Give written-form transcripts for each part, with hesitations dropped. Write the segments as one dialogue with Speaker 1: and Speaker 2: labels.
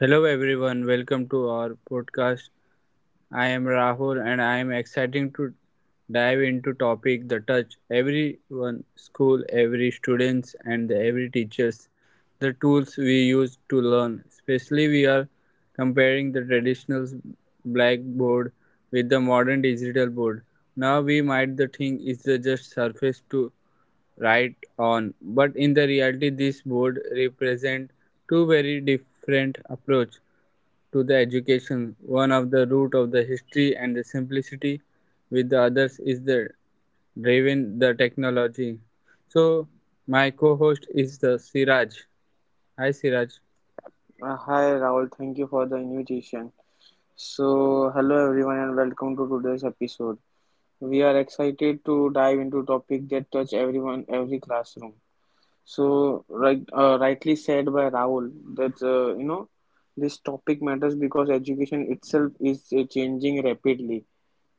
Speaker 1: Hello everyone, welcome to our podcast. I am Rahul and I am excited to dive into topic that touch everyone, school, every students and every teachers. The tools we use to learn, especially we are comparing the traditional blackboard with the modern digital board. Now we might the thing is the just surface to right on but in the reality this board represent two very different approach to the education one of the root of the history and the simplicity with the others is the driven the technology so my co-host is the Siraj. Hi Siraj.
Speaker 2: Hi Raul, thank you for the invitation. So, hello everyone and welcome to today's episode. We are excited to dive into topic that touch everyone, every classroom. So, rightly said by Raul that this topic matters because education itself is changing rapidly.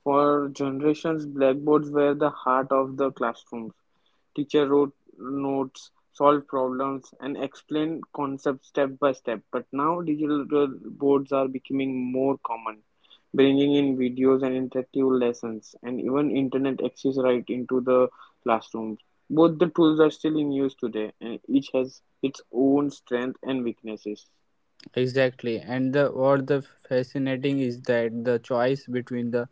Speaker 2: For generations, blackboards were the heart of the classrooms. Teacher wrote notes, solved problems, and explained concepts step by step. But now digital boards are becoming more common, bringing in videos and interactive lessons, and even internet access right into the classrooms. Both the tools are still in use today, and each has its own strengths and weaknesses.
Speaker 1: Exactly, and the what the fascinating is that the choice between the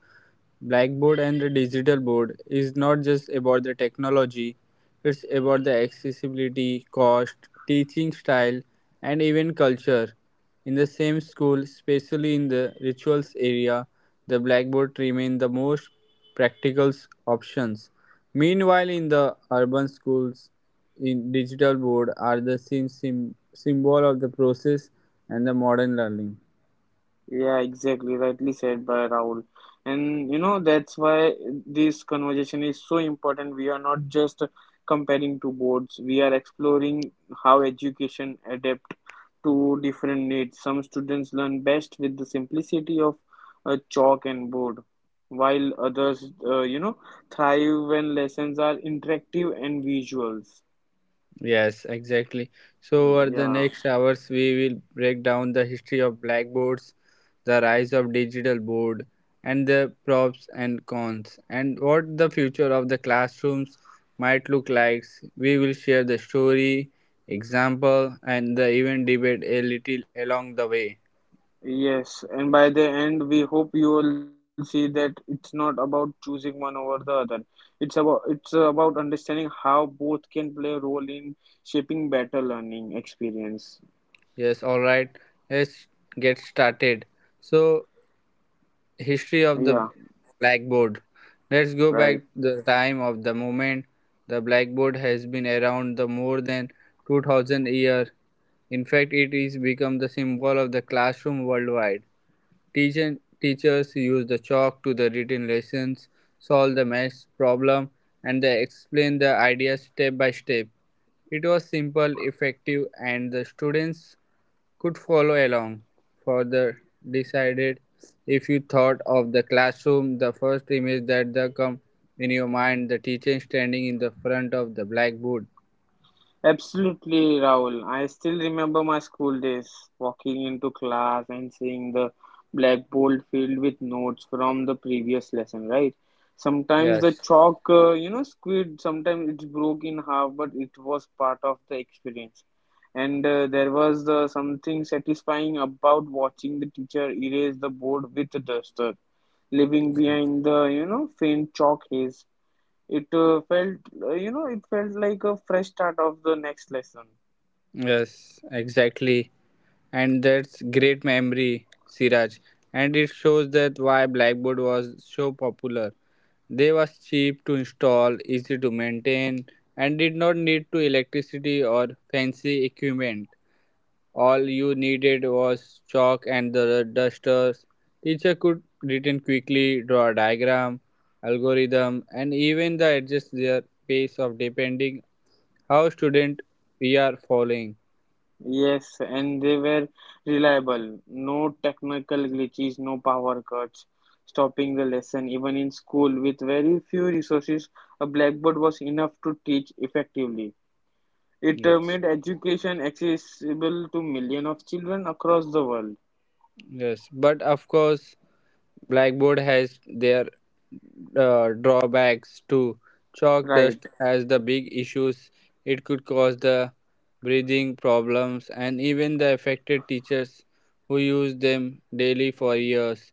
Speaker 1: Blackboard and the digital board is not just about the technology, it's about the accessibility, cost, teaching style, and even culture. In the same school, especially in the rituals area, the blackboard remain the most practical options. Meanwhile, in the urban schools, in digital board are the same symbol of the process and the modern learning.
Speaker 2: Yeah, exactly. Rightly said by Rahul. And you know, that's why this conversation is so important. We are not just comparing two boards, we are exploring how education adapt to different needs. Some students learn best with the simplicity of a chalk and board, while others, thrive when lessons are interactive and visuals.
Speaker 1: Yes, exactly. So, over
Speaker 2: Mm,
Speaker 1: the
Speaker 2: yeah.
Speaker 1: next hours, we will break down the history of blackboards, the rise of digital board, and the props and cons, and what the future of the classrooms might look like. We will share the story, example, and the even debate a little along the way.
Speaker 2: Yes, and by the end, we hope you will see that it's not about choosing one over the other. It's about understanding how both can play a role in shaping better learning experience.
Speaker 1: Yes, all right. Let's get started. So, history of the
Speaker 2: Yeah,
Speaker 1: blackboard, let's go back
Speaker 2: right.
Speaker 1: the time of the moment. The blackboard has been around the more than 2000 year. In fact it is become the symbol of the classroom worldwide. Teachers use the chalk to the written lessons, solve the math problem, and they explain the ideas step by step. It was simple effective and the students could follow along. Further decided if you thought of the classroom, the first image that the come in your mind, the teacher standing in the front of the blackboard.
Speaker 2: Absolutely, Rahul. I still remember my school days, walking into class and seeing the blackboard filled with notes from the previous lesson, right? Sometimes the
Speaker 1: Yes,
Speaker 2: chalk, squid, sometimes it's broke in half, but it was part of the experience. And there was the something satisfying about watching the teacher erase the board with the duster, leaving behind the, faint chalk haze it felt, it felt like a fresh start of the next lesson.
Speaker 1: yes, exactly. And that's great memory, Siraj. And it shows that why Blackboard was so popular. They was cheap to install, easy to maintain, and did not need to electricity or fancy equipment. All you needed was chalk and the dusters. Teacher could return quickly, draw a diagram, algorithm, and even the adjust their pace of depending how student we are following.
Speaker 2: Yes, and they were reliable. No technical glitches, no power cuts, stopping the lesson. Even in school, with very few resources, a blackboard was enough to teach effectively. It
Speaker 1: Yes,
Speaker 2: made education accessible to millions of children across the world.
Speaker 1: yes, but of course Blackboard has their drawbacks too. Chalk
Speaker 2: Right.
Speaker 1: dust has the big issues, it could cause the breathing problems and even the affected teachers who use them daily for years,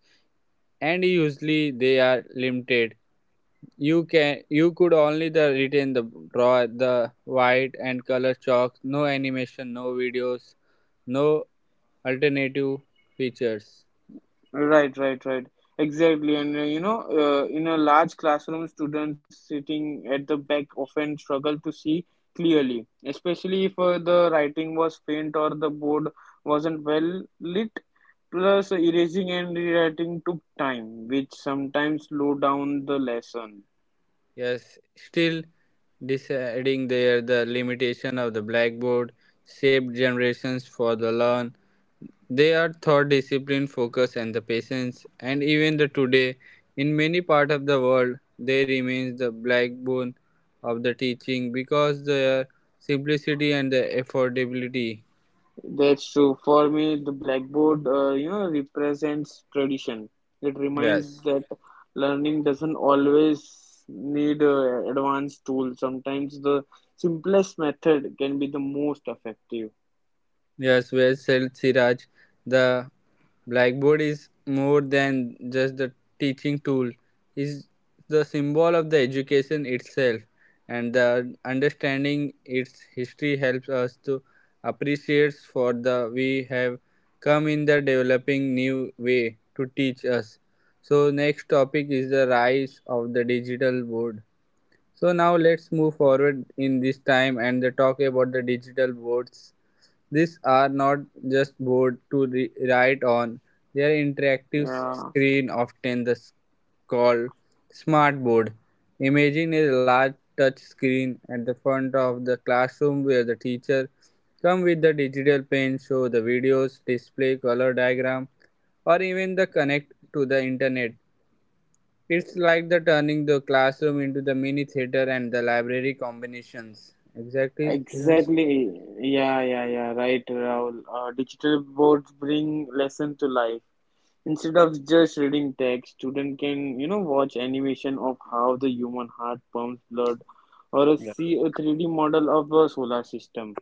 Speaker 1: and usually they are limited. You can you could only the retain the draw the white and color chalk, no animation, no videos, no alternative features.
Speaker 2: Right. Exactly. And in a large classroom, students sitting at the back often struggle to see clearly, especially if the writing was faint or the board wasn't well lit. Plus, erasing and rewriting took time, which sometimes slowed down the lesson.
Speaker 1: Yes, still deciding there the limitation of the blackboard shaped generations for the learn. They are thought discipline, focus, and the patience. And even the today, in many part of the world, they remains the backbone of the teaching because their simplicity and the affordability.
Speaker 2: That's true. For me, the blackboard, represents tradition. It reminds
Speaker 1: Yes.
Speaker 2: that learning doesn't always need advanced tools. Sometimes the simplest method can be the most effective.
Speaker 1: Yes, well said, Siraj. The blackboard is more than just the teaching tool. Is the symbol of the education itself, and the understanding its history helps us to appreciate for the we have come in the developing new way to teach us. So next topic is the rise of the digital board. So now let's move forward in this time and the talk about the digital boards. These are not just board to write on, they are interactive
Speaker 2: Yeah,
Speaker 1: screen, often the called smart board. Imagine a large touch screen at the front of the classroom where the teacher come with the digital pen, show the videos, display color diagram, or even the connect to the internet. It's like the turning the classroom into the mini theater and the library combinations. Exactly, Siraj?
Speaker 2: exactly. Yeah, yeah, yeah. right, Rahul. Digital boards bring lesson to life. Instead of just reading text, student can, watch animation of how the human heart pumps blood or a
Speaker 1: Yeah.
Speaker 2: see a 3D model of a solar system.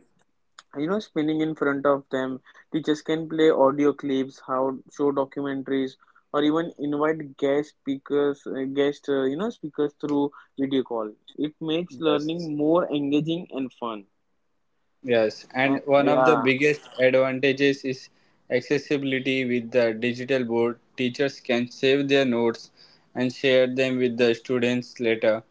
Speaker 2: You know, spinning in front of them, teachers can play audio clips, how show documentaries, or even invite guest speakers, speakers through video call. It makes
Speaker 1: Yes.
Speaker 2: learning more engaging and fun.
Speaker 1: Yes, and
Speaker 2: Uh,
Speaker 1: one of the
Speaker 2: yeah,
Speaker 1: biggest advantages is accessibility with the digital board. Teachers can save their notes and share them with the students later.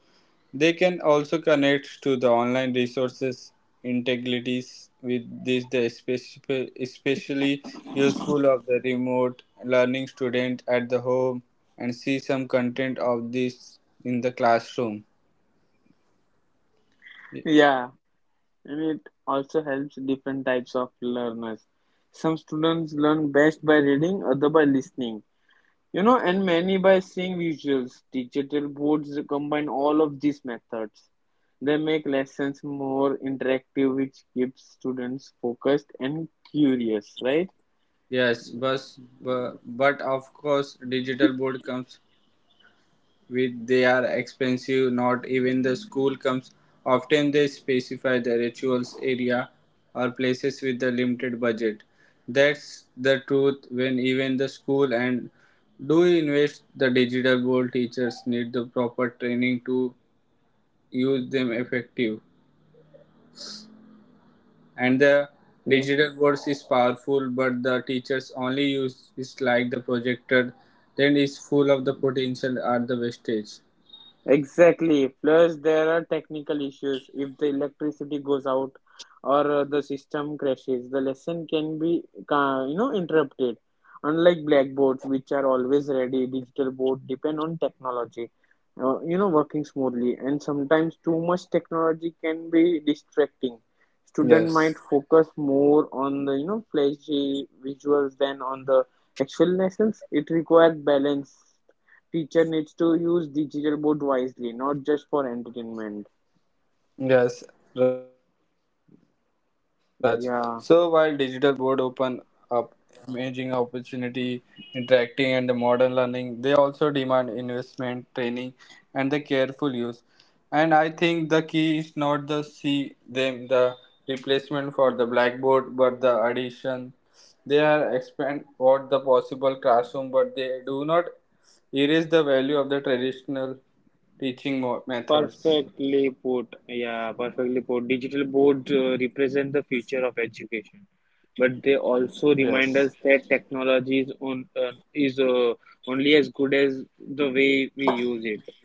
Speaker 1: They can also connect to the online resources integrities with this the especially useful of the remote learning student at the home and see some content of this in the classroom.
Speaker 2: yeah. And it also helps different types of learners. Some students learn best by reading, other by listening. You know, and many by seeing visuals. Digital boards combine all of these methods. They make lessons more interactive, which keeps students focused and curious, right?
Speaker 1: Yes, but but of course, digital board comes with they are expensive, not even the school comes often, they specify the rituals area or places with the limited budget. That's the truth. When even the school and do invest the digital board, teachers need the proper training to use them effective. And the
Speaker 2: Yeah.
Speaker 1: digital boards is powerful, but the teachers only use is like the projector, then is full of the potential at the wastage.
Speaker 2: Exactly. Plus, there are technical issues. If the electricity goes out or the system crashes, the lesson can be, interrupted. Unlike blackboards, which are always ready, digital board depend on technology, working smoothly. And sometimes too much technology can be distracting. Student might
Speaker 1: Yes.
Speaker 2: focus more on the, flashy visuals than on the actual lessons. It requires balance. Teacher needs to use digital board wisely, not just for entertainment.
Speaker 1: Yes, right. Well said, Siraj. So while
Speaker 2: Yeah.
Speaker 1: digital board open up imaging opportunity, interacting and the modern learning, they also demand investment, training and the careful use. And I think the key is not the see them the replacement for the blackboard but the addition. They are expand what the possible classroom but they do not erase the value of the traditional teaching methods.
Speaker 2: Perfectly put. Yeah, perfectly put. Digital boards represent the future of education, but they also remind
Speaker 1: Yes.
Speaker 2: us that technology is only as good as the way we use it.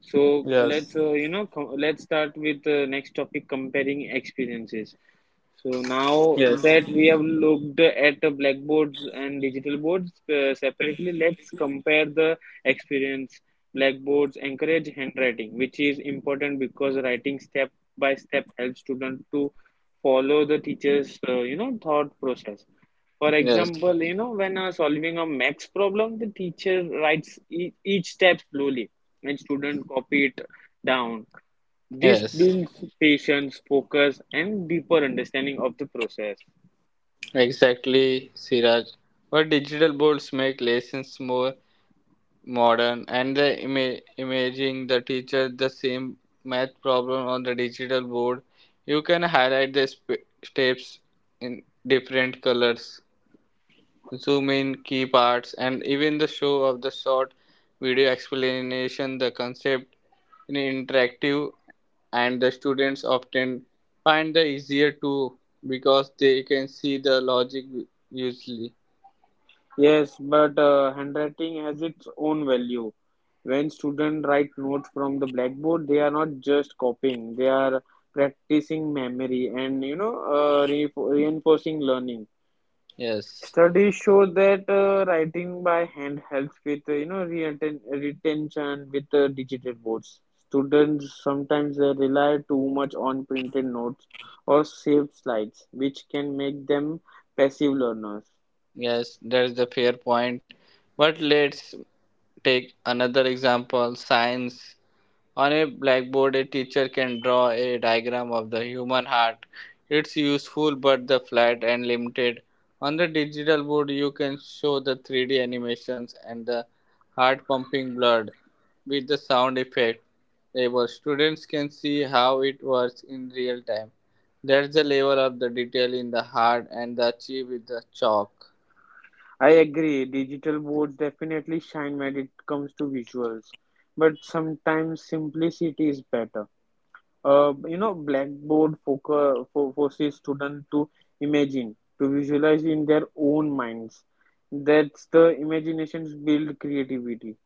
Speaker 2: So
Speaker 1: Yes.
Speaker 2: let's you know com let's start with the next topic: comparing experiences. So now
Speaker 1: Yes,
Speaker 2: that we have looked at the blackboards and digital boards separately, let's compare the experience. Blackboards encourage handwriting, which is important because writing step by step helps students to follow the teacher's thought process. For
Speaker 1: yes,
Speaker 2: example, when solving a max problem, the teacher writes each step slowly, and student copy it down. This
Speaker 1: yes.
Speaker 2: builds patience, focus, and deeper understanding of the process.
Speaker 1: Exactly, Siraj. But digital boards make lessons more modern and the imaging the teacher the same math problem on the digital board. You can highlight the steps in different colors, zoom in key parts, and even the show of the short video explanation the concept in interactive. And the students often find the easier to because they can see the logic usually.
Speaker 2: Yes, but handwriting has its own value. When students write notes from the blackboard, they are not just copying; they are practicing memory and reinforcing learning.
Speaker 1: Yes,
Speaker 2: Studies show that writing by hand helps with retention with digital boards. Students sometimes rely too much on printed notes or saved slides, which can make them passive learners.
Speaker 1: yes, that's the fair point, but let's take another example, science. On a blackboard, a teacher can draw a diagram of the human heart. It's useful but the flat and limited. On the digital board, you can show the 3D animations and the heart pumping blood with the sound effect. Able students can see how it works in real time. That's the level of the detail in the heart and the achieve with the chalk.
Speaker 2: I agree, digital boards definitely shine when it comes to visuals, but sometimes simplicity is better. Blackboard focus, fo forces students to imagine, to visualize in their own minds. That's the imaginations build creativity.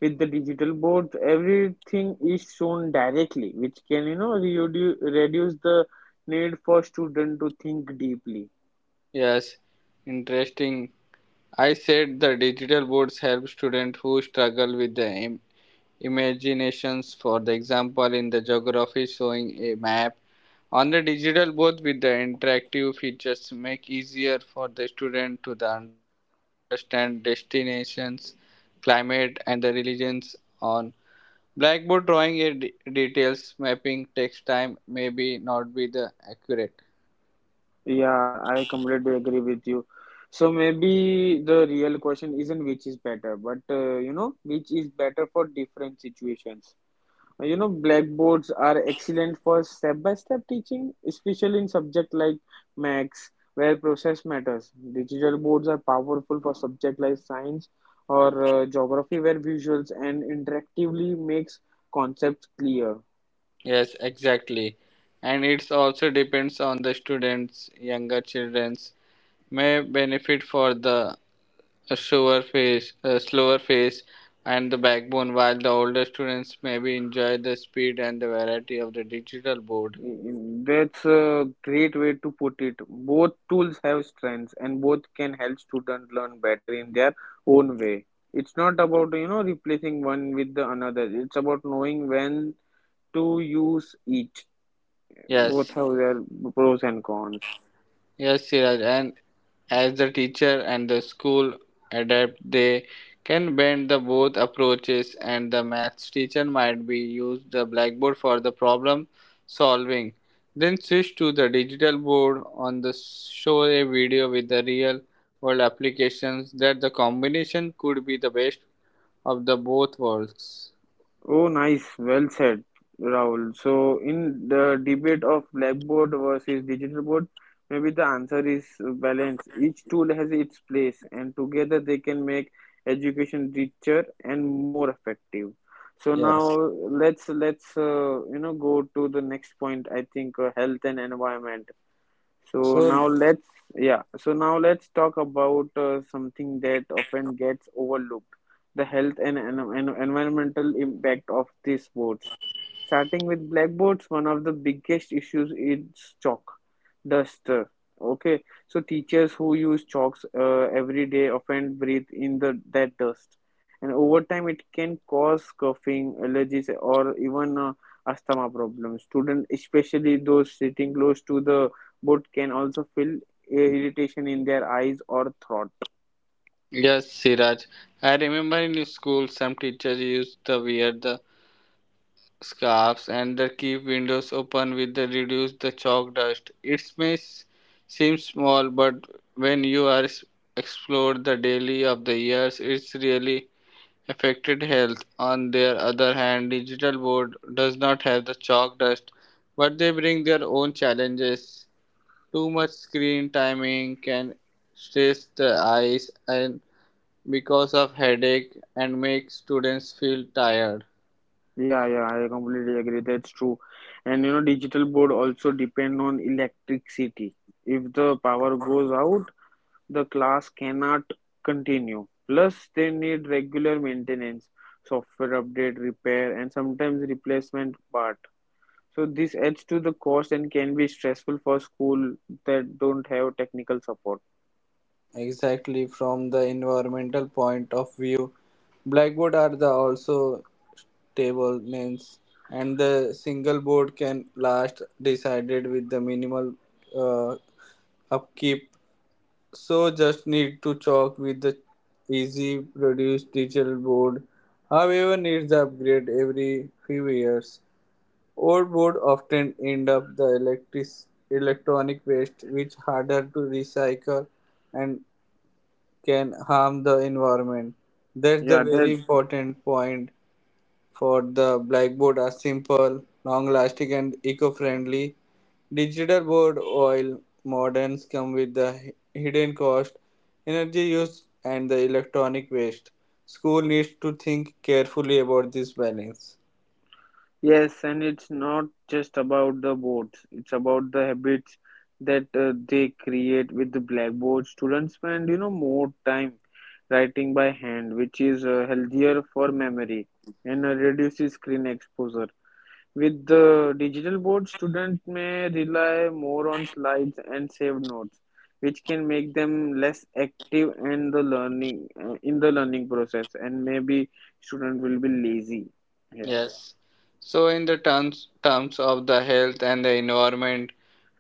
Speaker 2: With the digital board, everything is shown directly, which can, reduce the need for student to think deeply.
Speaker 1: Yes, interesting. I said the digital boards help students who struggle with the imaginations, for the example in the geography, showing a map on the digital both with the interactive features make easier for the student to the understand destinations, climate and the religions. On blackboard, drawing a details mapping takes time, maybe not be the accurate.
Speaker 2: Yeah, I completely agree with you. So maybe the real question isn't which is better, but which is better for different situations. You know, blackboards are excellent for step-by-step teaching, especially in subject like maths, where process matters. Digital boards are powerful for subject like science or geography, where visuals and interactively makes concepts clear.
Speaker 1: Yes, exactly, and it's also depends on the students. Younger children's may benefit for the a slower pace, and the backbone, while the older students maybe enjoy the speed and the variety of the digital board.
Speaker 2: Mm, that's a great way to put it. Both tools have strengths, and both can help students learn better in their own way. It's not about, replacing one with the another. It's about knowing when to use each. Both
Speaker 1: Yes,
Speaker 2: have their pros and cons.
Speaker 1: yes, Siraj, and as the teacher and the school adapt, they can bend the both approaches, and the maths teacher might be use the blackboard for the problem solving, then switch to the digital board on the show a video with the real world applications. That the combination could be the best of the both worlds.
Speaker 2: Oh, nice. Well said, Rahul. So, in the debate of blackboard versus digital board, maybe the answer is balance. Each tool has its place, and together they can make education richer and more effective. So
Speaker 1: Yes.
Speaker 2: now let's go to the next point. I think health and environment. So
Speaker 1: So
Speaker 2: now let's yeah. So now let's talk about something that often gets overlooked: the health and, environmental impact of these boats. Starting with blackboards, one of the biggest issues is chalk duster. Okay, so teachers who use chalks every day often breathe in the that dust, and over time it can cause coughing, allergies, or even asthma problems. Students, especially those sitting close to the but can also feel irritation in their eyes or throat.
Speaker 1: yes, Siraj. I remember in school some teachers used to wear the scarves and the keep windows open with the reduce the chalk dust. It may seem small, but when you are explore the daily of the years, it's really affected health. On their other hand, digital board does not have the chalk dust, but they bring their own challenges. Too much screen timing can stress the eyes and because of headache and make students feel tired.
Speaker 2: Yeah, I completely agree. That's true. And you know, digital board also depend on electricity. If the power goes out, the class cannot continue. Plus, they need regular maintenance, software update, repair, and sometimes replacement part. So this adds to the cost and can be stressful for school that don't have technical support.
Speaker 1: Exactly, from the environmental point of view, blackboard are the also stable lengths, and the single board can last decided with the minimal uh, upkeep, so just need to chalk with the easy produce. Digital board however needs the upgrade every few years. Old board often end up the electric electronic waste which harder to recycle and can harm the environment. That's the
Speaker 2: Yeah, that.
Speaker 1: very important point. For the blackboard are simple, long lasting and eco-friendly. Digital board oil moderns come with the hidden cost, energy use and the electronic waste. School needs to think carefully about this balance.
Speaker 2: Yes, and it's not just about the boards, it's about the habits that they create with the blackboard. Students spend, more time writing by hand, which is healthier for memory and reduces screen exposure. With the digital board, students may rely more on slides and saved notes, which can make them less active and the learning in the learning process, and maybe student will be lazy. Yeah.
Speaker 1: Yes. So, in the terms of the health and the environment,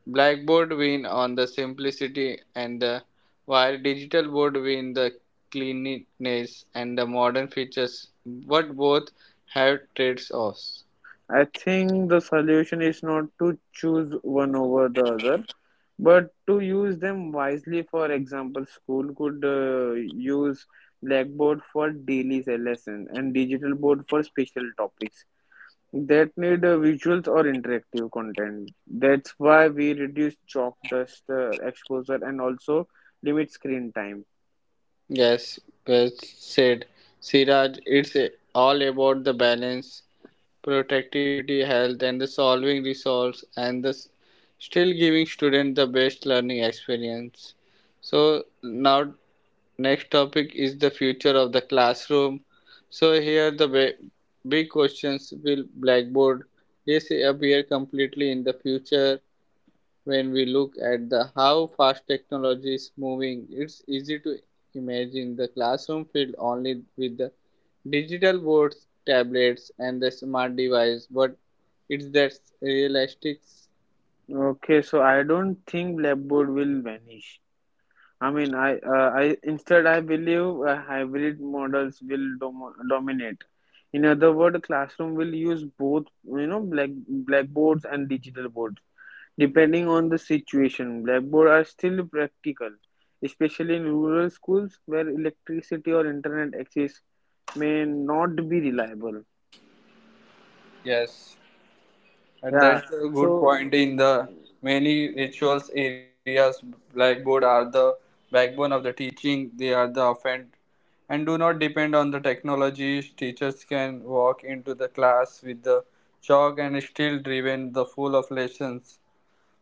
Speaker 1: Blackboard win on the simplicity and the while digital board win the cleanliness and the modern features, but both have trade-offs.
Speaker 2: I think the solution is not to choose one over the other, but to use them wisely. For example, school could use blackboard for daily lesson and digital board for special topics that need visuals or interactive content. That's why we reduce chalk dust exposure and also limit screen time.
Speaker 1: Yes, well said, Siraj. It's all about the balance, productivity, health, and the solving resolves, and the still giving student the best learning experience. So now next topic is the future of the classroom. So here the big questions, will blackboard this appear completely in the future? When we look at the how fast technology is moving, it's easy to imagine the classroom filled only with the digital boards, tablets and the smart device, but it's that realistic?
Speaker 2: Okay, so I don't think blackboard will vanish. I mean, I instead I believe hybrid models will dominate. In other words, classroom will use both, you know, blackboards and digital boards, depending on the situation. Blackboard are still practical, especially in rural schools where electricity or internet access may not be reliable.
Speaker 1: Yes, and
Speaker 2: Yeah,
Speaker 1: that's a good
Speaker 2: so.
Speaker 1: point. In the many rituals areas, blackboard are the backbone of the teaching. They are the offend and do not depend on the technology. Teachers can walk into the class with the chalk and still driven the full of lessons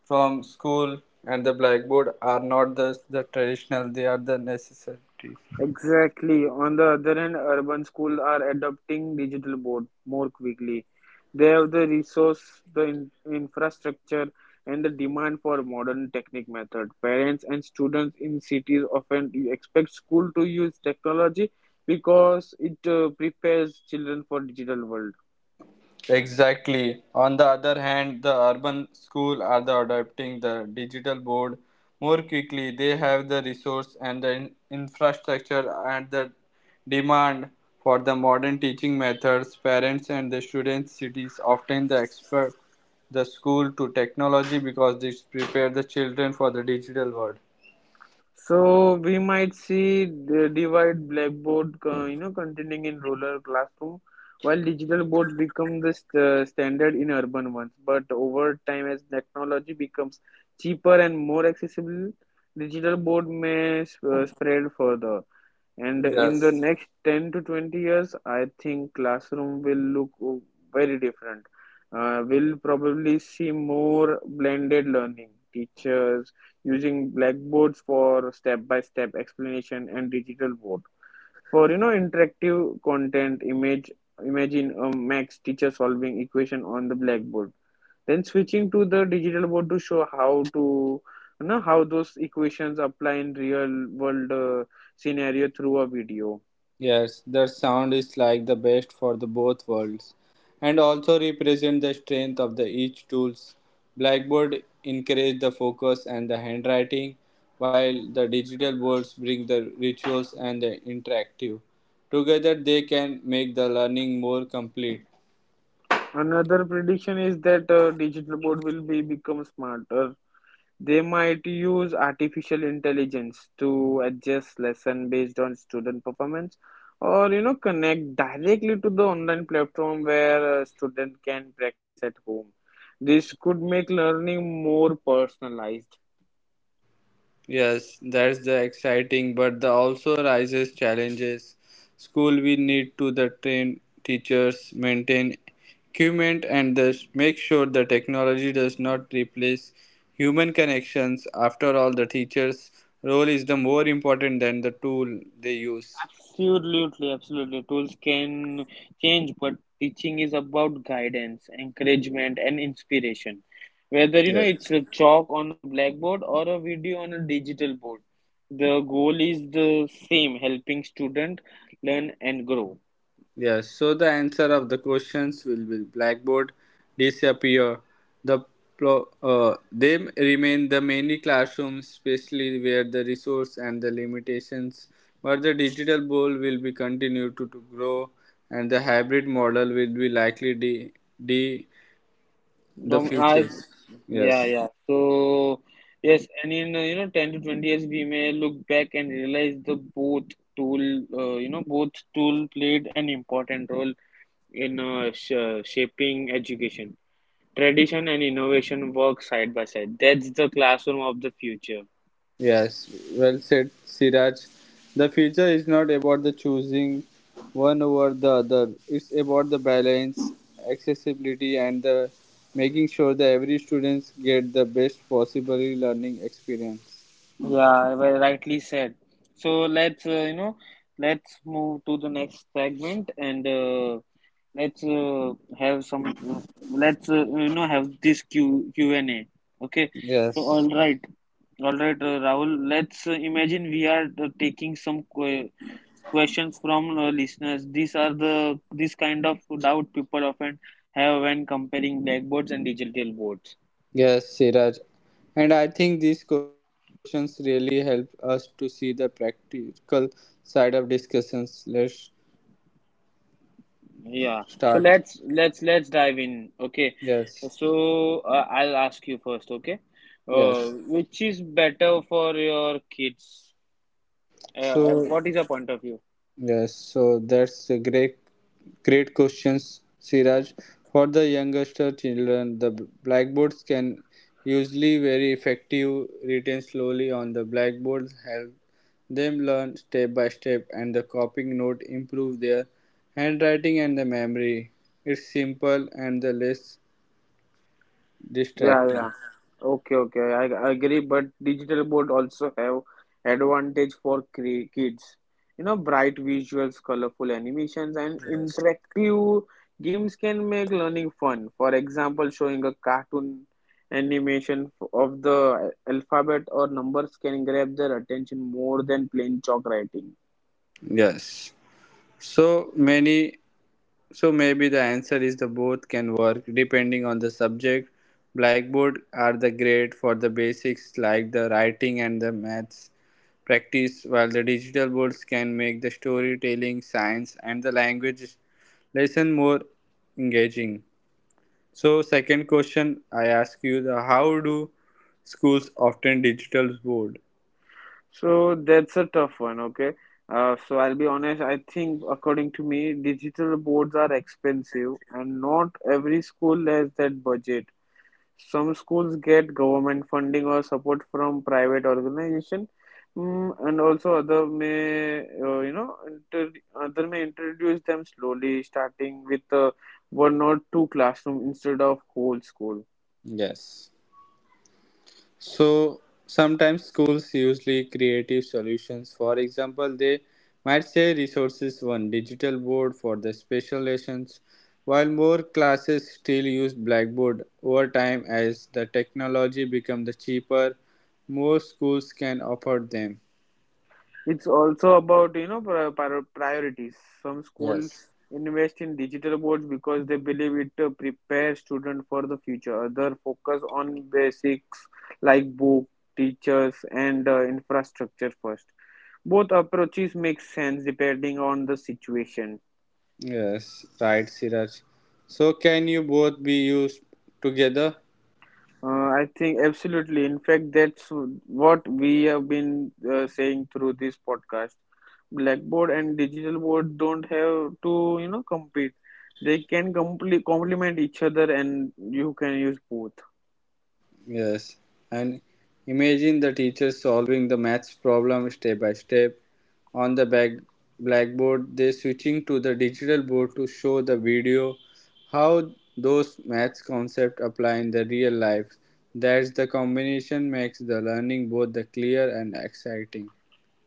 Speaker 1: from school. And the blackboard are not the traditional; they are the necessary.
Speaker 2: Exactly. On the other hand, urban schools are adopting digital board more quickly. They have the resource, the in infrastructure, and the demand for modern technique method. Parents and students in cities often expect school to use technology because it prepares children for digital world.
Speaker 1: Exactly. On the other hand, the urban school are the adopting the digital board more quickly. They have the resource and the infrastructure and the demand for the modern teaching methods. Parents and the students cities often the expert the school to technology because this prepare the children for the digital world.
Speaker 2: So we might see the divide blackboard, continuing in rural classroom, while digital boards become the standard in urban ones. But over time, as technology becomes cheaper and more accessible, digital board may spread further. And in the
Speaker 1: Yes.
Speaker 2: next 10 to 20 years, I think classroom will look very different. We'll probably see more blended learning, teachers using blackboards for step-by-step explanation and digital board. For interactive content, imagine a max teacher solving equation on the blackboard then switching to the digital board to show how to how those equations apply in real world scenario through a video.
Speaker 1: Yes, their sound is like the best for the both worlds and also represent the strength of the each tools. Blackboard encourage the focus and the handwriting while the digital boards bring the rituals and the interactive. Together they can make the learning more complete.
Speaker 2: Another prediction is that digital board will be become smarter. They might use artificial intelligence to adjust lesson based on student performance or connect directly to the online platform where a student can practice at home. This could make learning more personalized.
Speaker 1: Yes, that's the exciting, but the also rises challenges. School we need to the train teachers, maintain equipment, and thus make sure the technology does not replace human connections. After all, the teacher's role is the more important than the tool they use.
Speaker 2: Absolutely, absolutely. Tools can change, but teaching is about guidance, encouragement, and inspiration. Whether
Speaker 1: Yes.
Speaker 2: it's a chalk on a blackboard or a video on a digital board, the goal is the same: helping student learn and grow.
Speaker 1: Yes, so the answer of the questions will be blackboard disappear. The they remain the many classrooms, especially where the resource and the limitations. But the digital bowl will be continued to grow, and the hybrid model will be likely the the
Speaker 2: Um, I,
Speaker 1: futures.
Speaker 2: yeah,
Speaker 1: Yes.
Speaker 2: yeah. So yes, and in 10 to 20 years, we may look back and realize the both tool, you know, both tool played an important role in shaping education. Tradition and innovation work side by side. That's the classroom of the future.
Speaker 1: Yes, well said, Siraj. The future is not about the choosing one over the other. It's about the balance, accessibility, and the making sure that every student get the best possible learning experience.
Speaker 2: Yeah, well, rightly said. So let's you know let's move to the next segment and let's uh, have some let's have this Q Q&A. Okay. So
Speaker 1: Yes,
Speaker 2: Rahul. Let's imagine we are taking some questions from listeners. These are the this kind of doubt people often have when comparing blackboards and digital boards.
Speaker 1: yes, Siraj. And I think these questions really help us to see the practical side of discussions. Let's
Speaker 2: Yeah.
Speaker 1: start.
Speaker 2: So let's dive in. Okay.
Speaker 1: Yes,
Speaker 2: So I'll ask you first. Okay. Uh,
Speaker 1: yes.
Speaker 2: which is better for your kids? Uh,
Speaker 1: So
Speaker 2: what is your point of view?
Speaker 1: yes, so that's a great, great questions, Siraj. For the youngster children, the blackboards can usually very effective. Written slowly on the blackboards help them learn step by step, and the copying note improve their handwriting and the memory. It's simple and the less
Speaker 2: Yeah,
Speaker 1: distracting.
Speaker 2: yeah. Okay, okay. I agree, but digital board also have advantage for kids. Bright visuals, colorful animations, and interactive games can make learning fun. For example, showing a cartoon animation of the alphabet or numbers can grab their attention more than plain chalk writing.
Speaker 1: Yes. So many So maybe the answer is the both can work depending on the subject. Blackboard are the great for the basics like the writing and the maths practice, while the digital boards can make the storytelling, science, and the language lesson more engaging. So second question I ask you the how do schools often digital board?
Speaker 2: So that's a tough one, okay? So I'll be honest, I think according to me, digital boards are expensive and not every school has that budget. Some schools get government funding or support from private organization, and also other may, you know, inter other may introduce them slowly, starting with one or two classroom instead of whole school.
Speaker 1: Yes. So sometimes schools usually creative solutions. For example, they might say resources one digital board for the special lessons, while more classes still use blackboard. Over time, as the technology becomes the cheaper, more schools can offer them.
Speaker 2: It's also about, priorities. Some school
Speaker 1: Yes.
Speaker 2: invest in digital boards because they believe it prepares students for the future. Other focus on basics like book, teachers, and infrastructure first. Both approaches make sense depending on the situation.
Speaker 1: Yes, right, Siraj. So can you both be used together?
Speaker 2: I think absolutely. In fact, that's what we have been saying through this podcast. Blackboard and digital board don't have to, compete. They can complete complement each other, and you can use both.
Speaker 1: Yes, and imagine the teacher solving the maths problem step by step on the back blackboard. They switching to the digital board to show the video how those maths concepts apply in the real life. That's the combination makes the learning both the clear and exciting.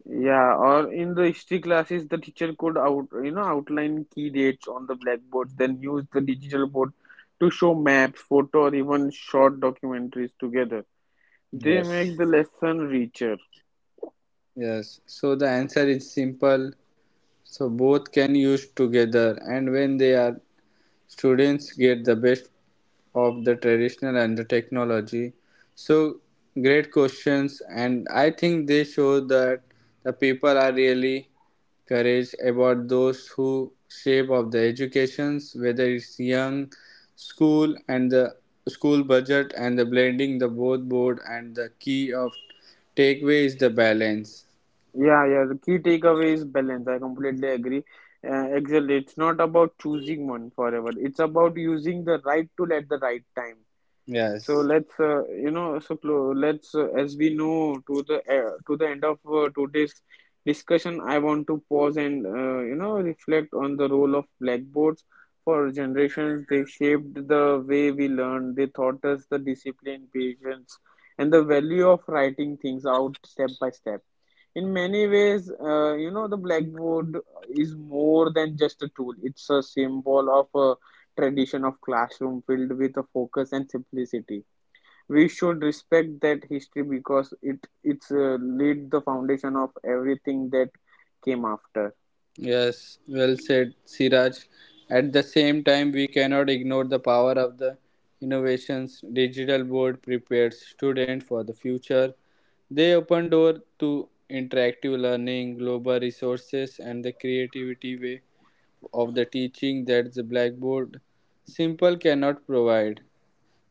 Speaker 2: Yeah, or in the history classes, the teacher could outline key dates on the blackboards, then use the digital board to show maps, photo, or even short documentaries together. They
Speaker 1: Yes.
Speaker 2: make the lesson richer.
Speaker 1: Yes. So the answer is simple. So both can use together, and when they are students get the best of the traditional and the technology so great questions and I think they show that the people are really courage about those who shape of the educations whether it's young school and the school budget and the blending the both board and the key of takeaway is the balance
Speaker 2: Yeah, yeah. The key takeaway is balance. I completely agree. Excel, it's not about choosing one forever. It's about using the right tool at the right time. So
Speaker 1: yes.
Speaker 2: let's, you know, so clo- let's, as we know, to the end of today's discussion, I want to pause and, reflect on the role of blackboards for generations. They shaped the way we learn. They taught us the discipline, patience, and the value of writing things out step by step. In many ways, the blackboard is more than just a tool. It's a symbol of a tradition of classroom filled with a focus and simplicity. We should respect that history because it it's laid the foundation of everything that came after.
Speaker 1: Yes, well said, Siraj. At the same time, we cannot ignore the power of the innovations digital board prepares students for the future. They open door to interactive learning, global resources, and the creativity way of the teaching that the blackboard simple cannot provide.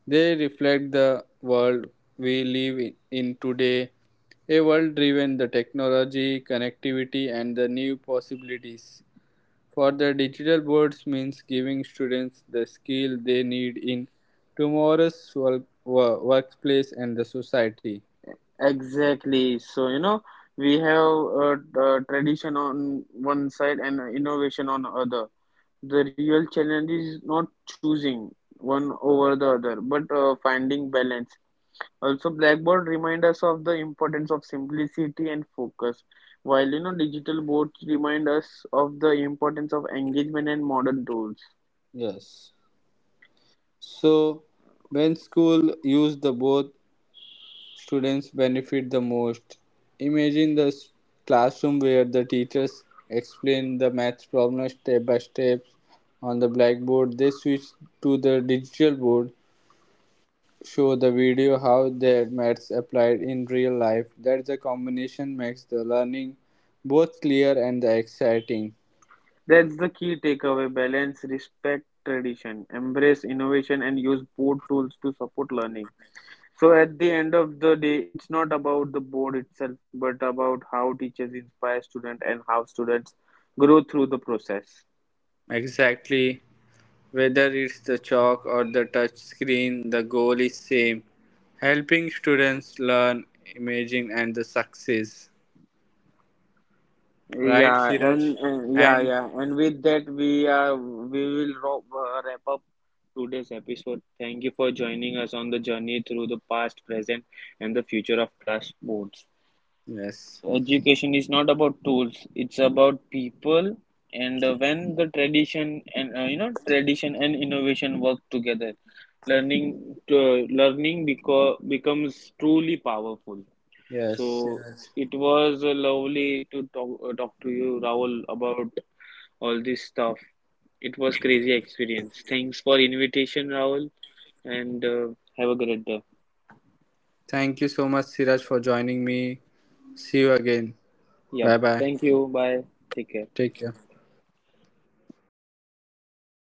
Speaker 1: They reflect the world we live in today, a world driven the technology, connectivity, and the new possibilities. For the digital boards means giving students the skill they need in tomorrow's work, workplace and the society.
Speaker 2: Exactly, so we have a, tradition on one side and a innovation on other. The real challenge is not choosing one over the other but finding balance. Also, blackboard remind us of the importance of simplicity and focus, while digital boards remind us of the importance of engagement and modern tools.
Speaker 1: Yes. So when school use the both students benefit the most. Imagine the classroom where the teachers explain the math problem step by step on the blackboard. They switch to the digital board show the video how their maths applied in real life. That the combination makes the learning both clear and exciting.
Speaker 2: That's the key takeaway: balance, respect tradition, embrace innovation, and use board tools to support learning. So, at the end of the day, it's not about the board itself, but about how teachers inspire students and how students grow through the process.
Speaker 1: Exactly. Whether it's the chalk or the touch screen, the goal is same. Helping students learn, imagine and the success. Right,
Speaker 2: Yeah,
Speaker 1: Siraj?
Speaker 2: and yeah,
Speaker 1: And
Speaker 2: yeah, and with that we will wrap up today's episode. Thank you for joining us on the journey through the past, present, and the future of class boards.
Speaker 1: yes.
Speaker 2: So education is not about tools; it's about people. And when the tradition and innovation work together, learning becomes truly powerful.
Speaker 1: Yes,
Speaker 2: So
Speaker 1: Siraj.
Speaker 2: it was lovely to talk to you, Rahul, about all this stuff. It was crazy experience. Thanks for invitation, Rahul, and have a great day.
Speaker 1: Thank you so much, Siraj, for joining me. See you again. Bye bye.
Speaker 2: Yep. Thank you. Bye. Take
Speaker 1: Take
Speaker 2: care.
Speaker 1: care.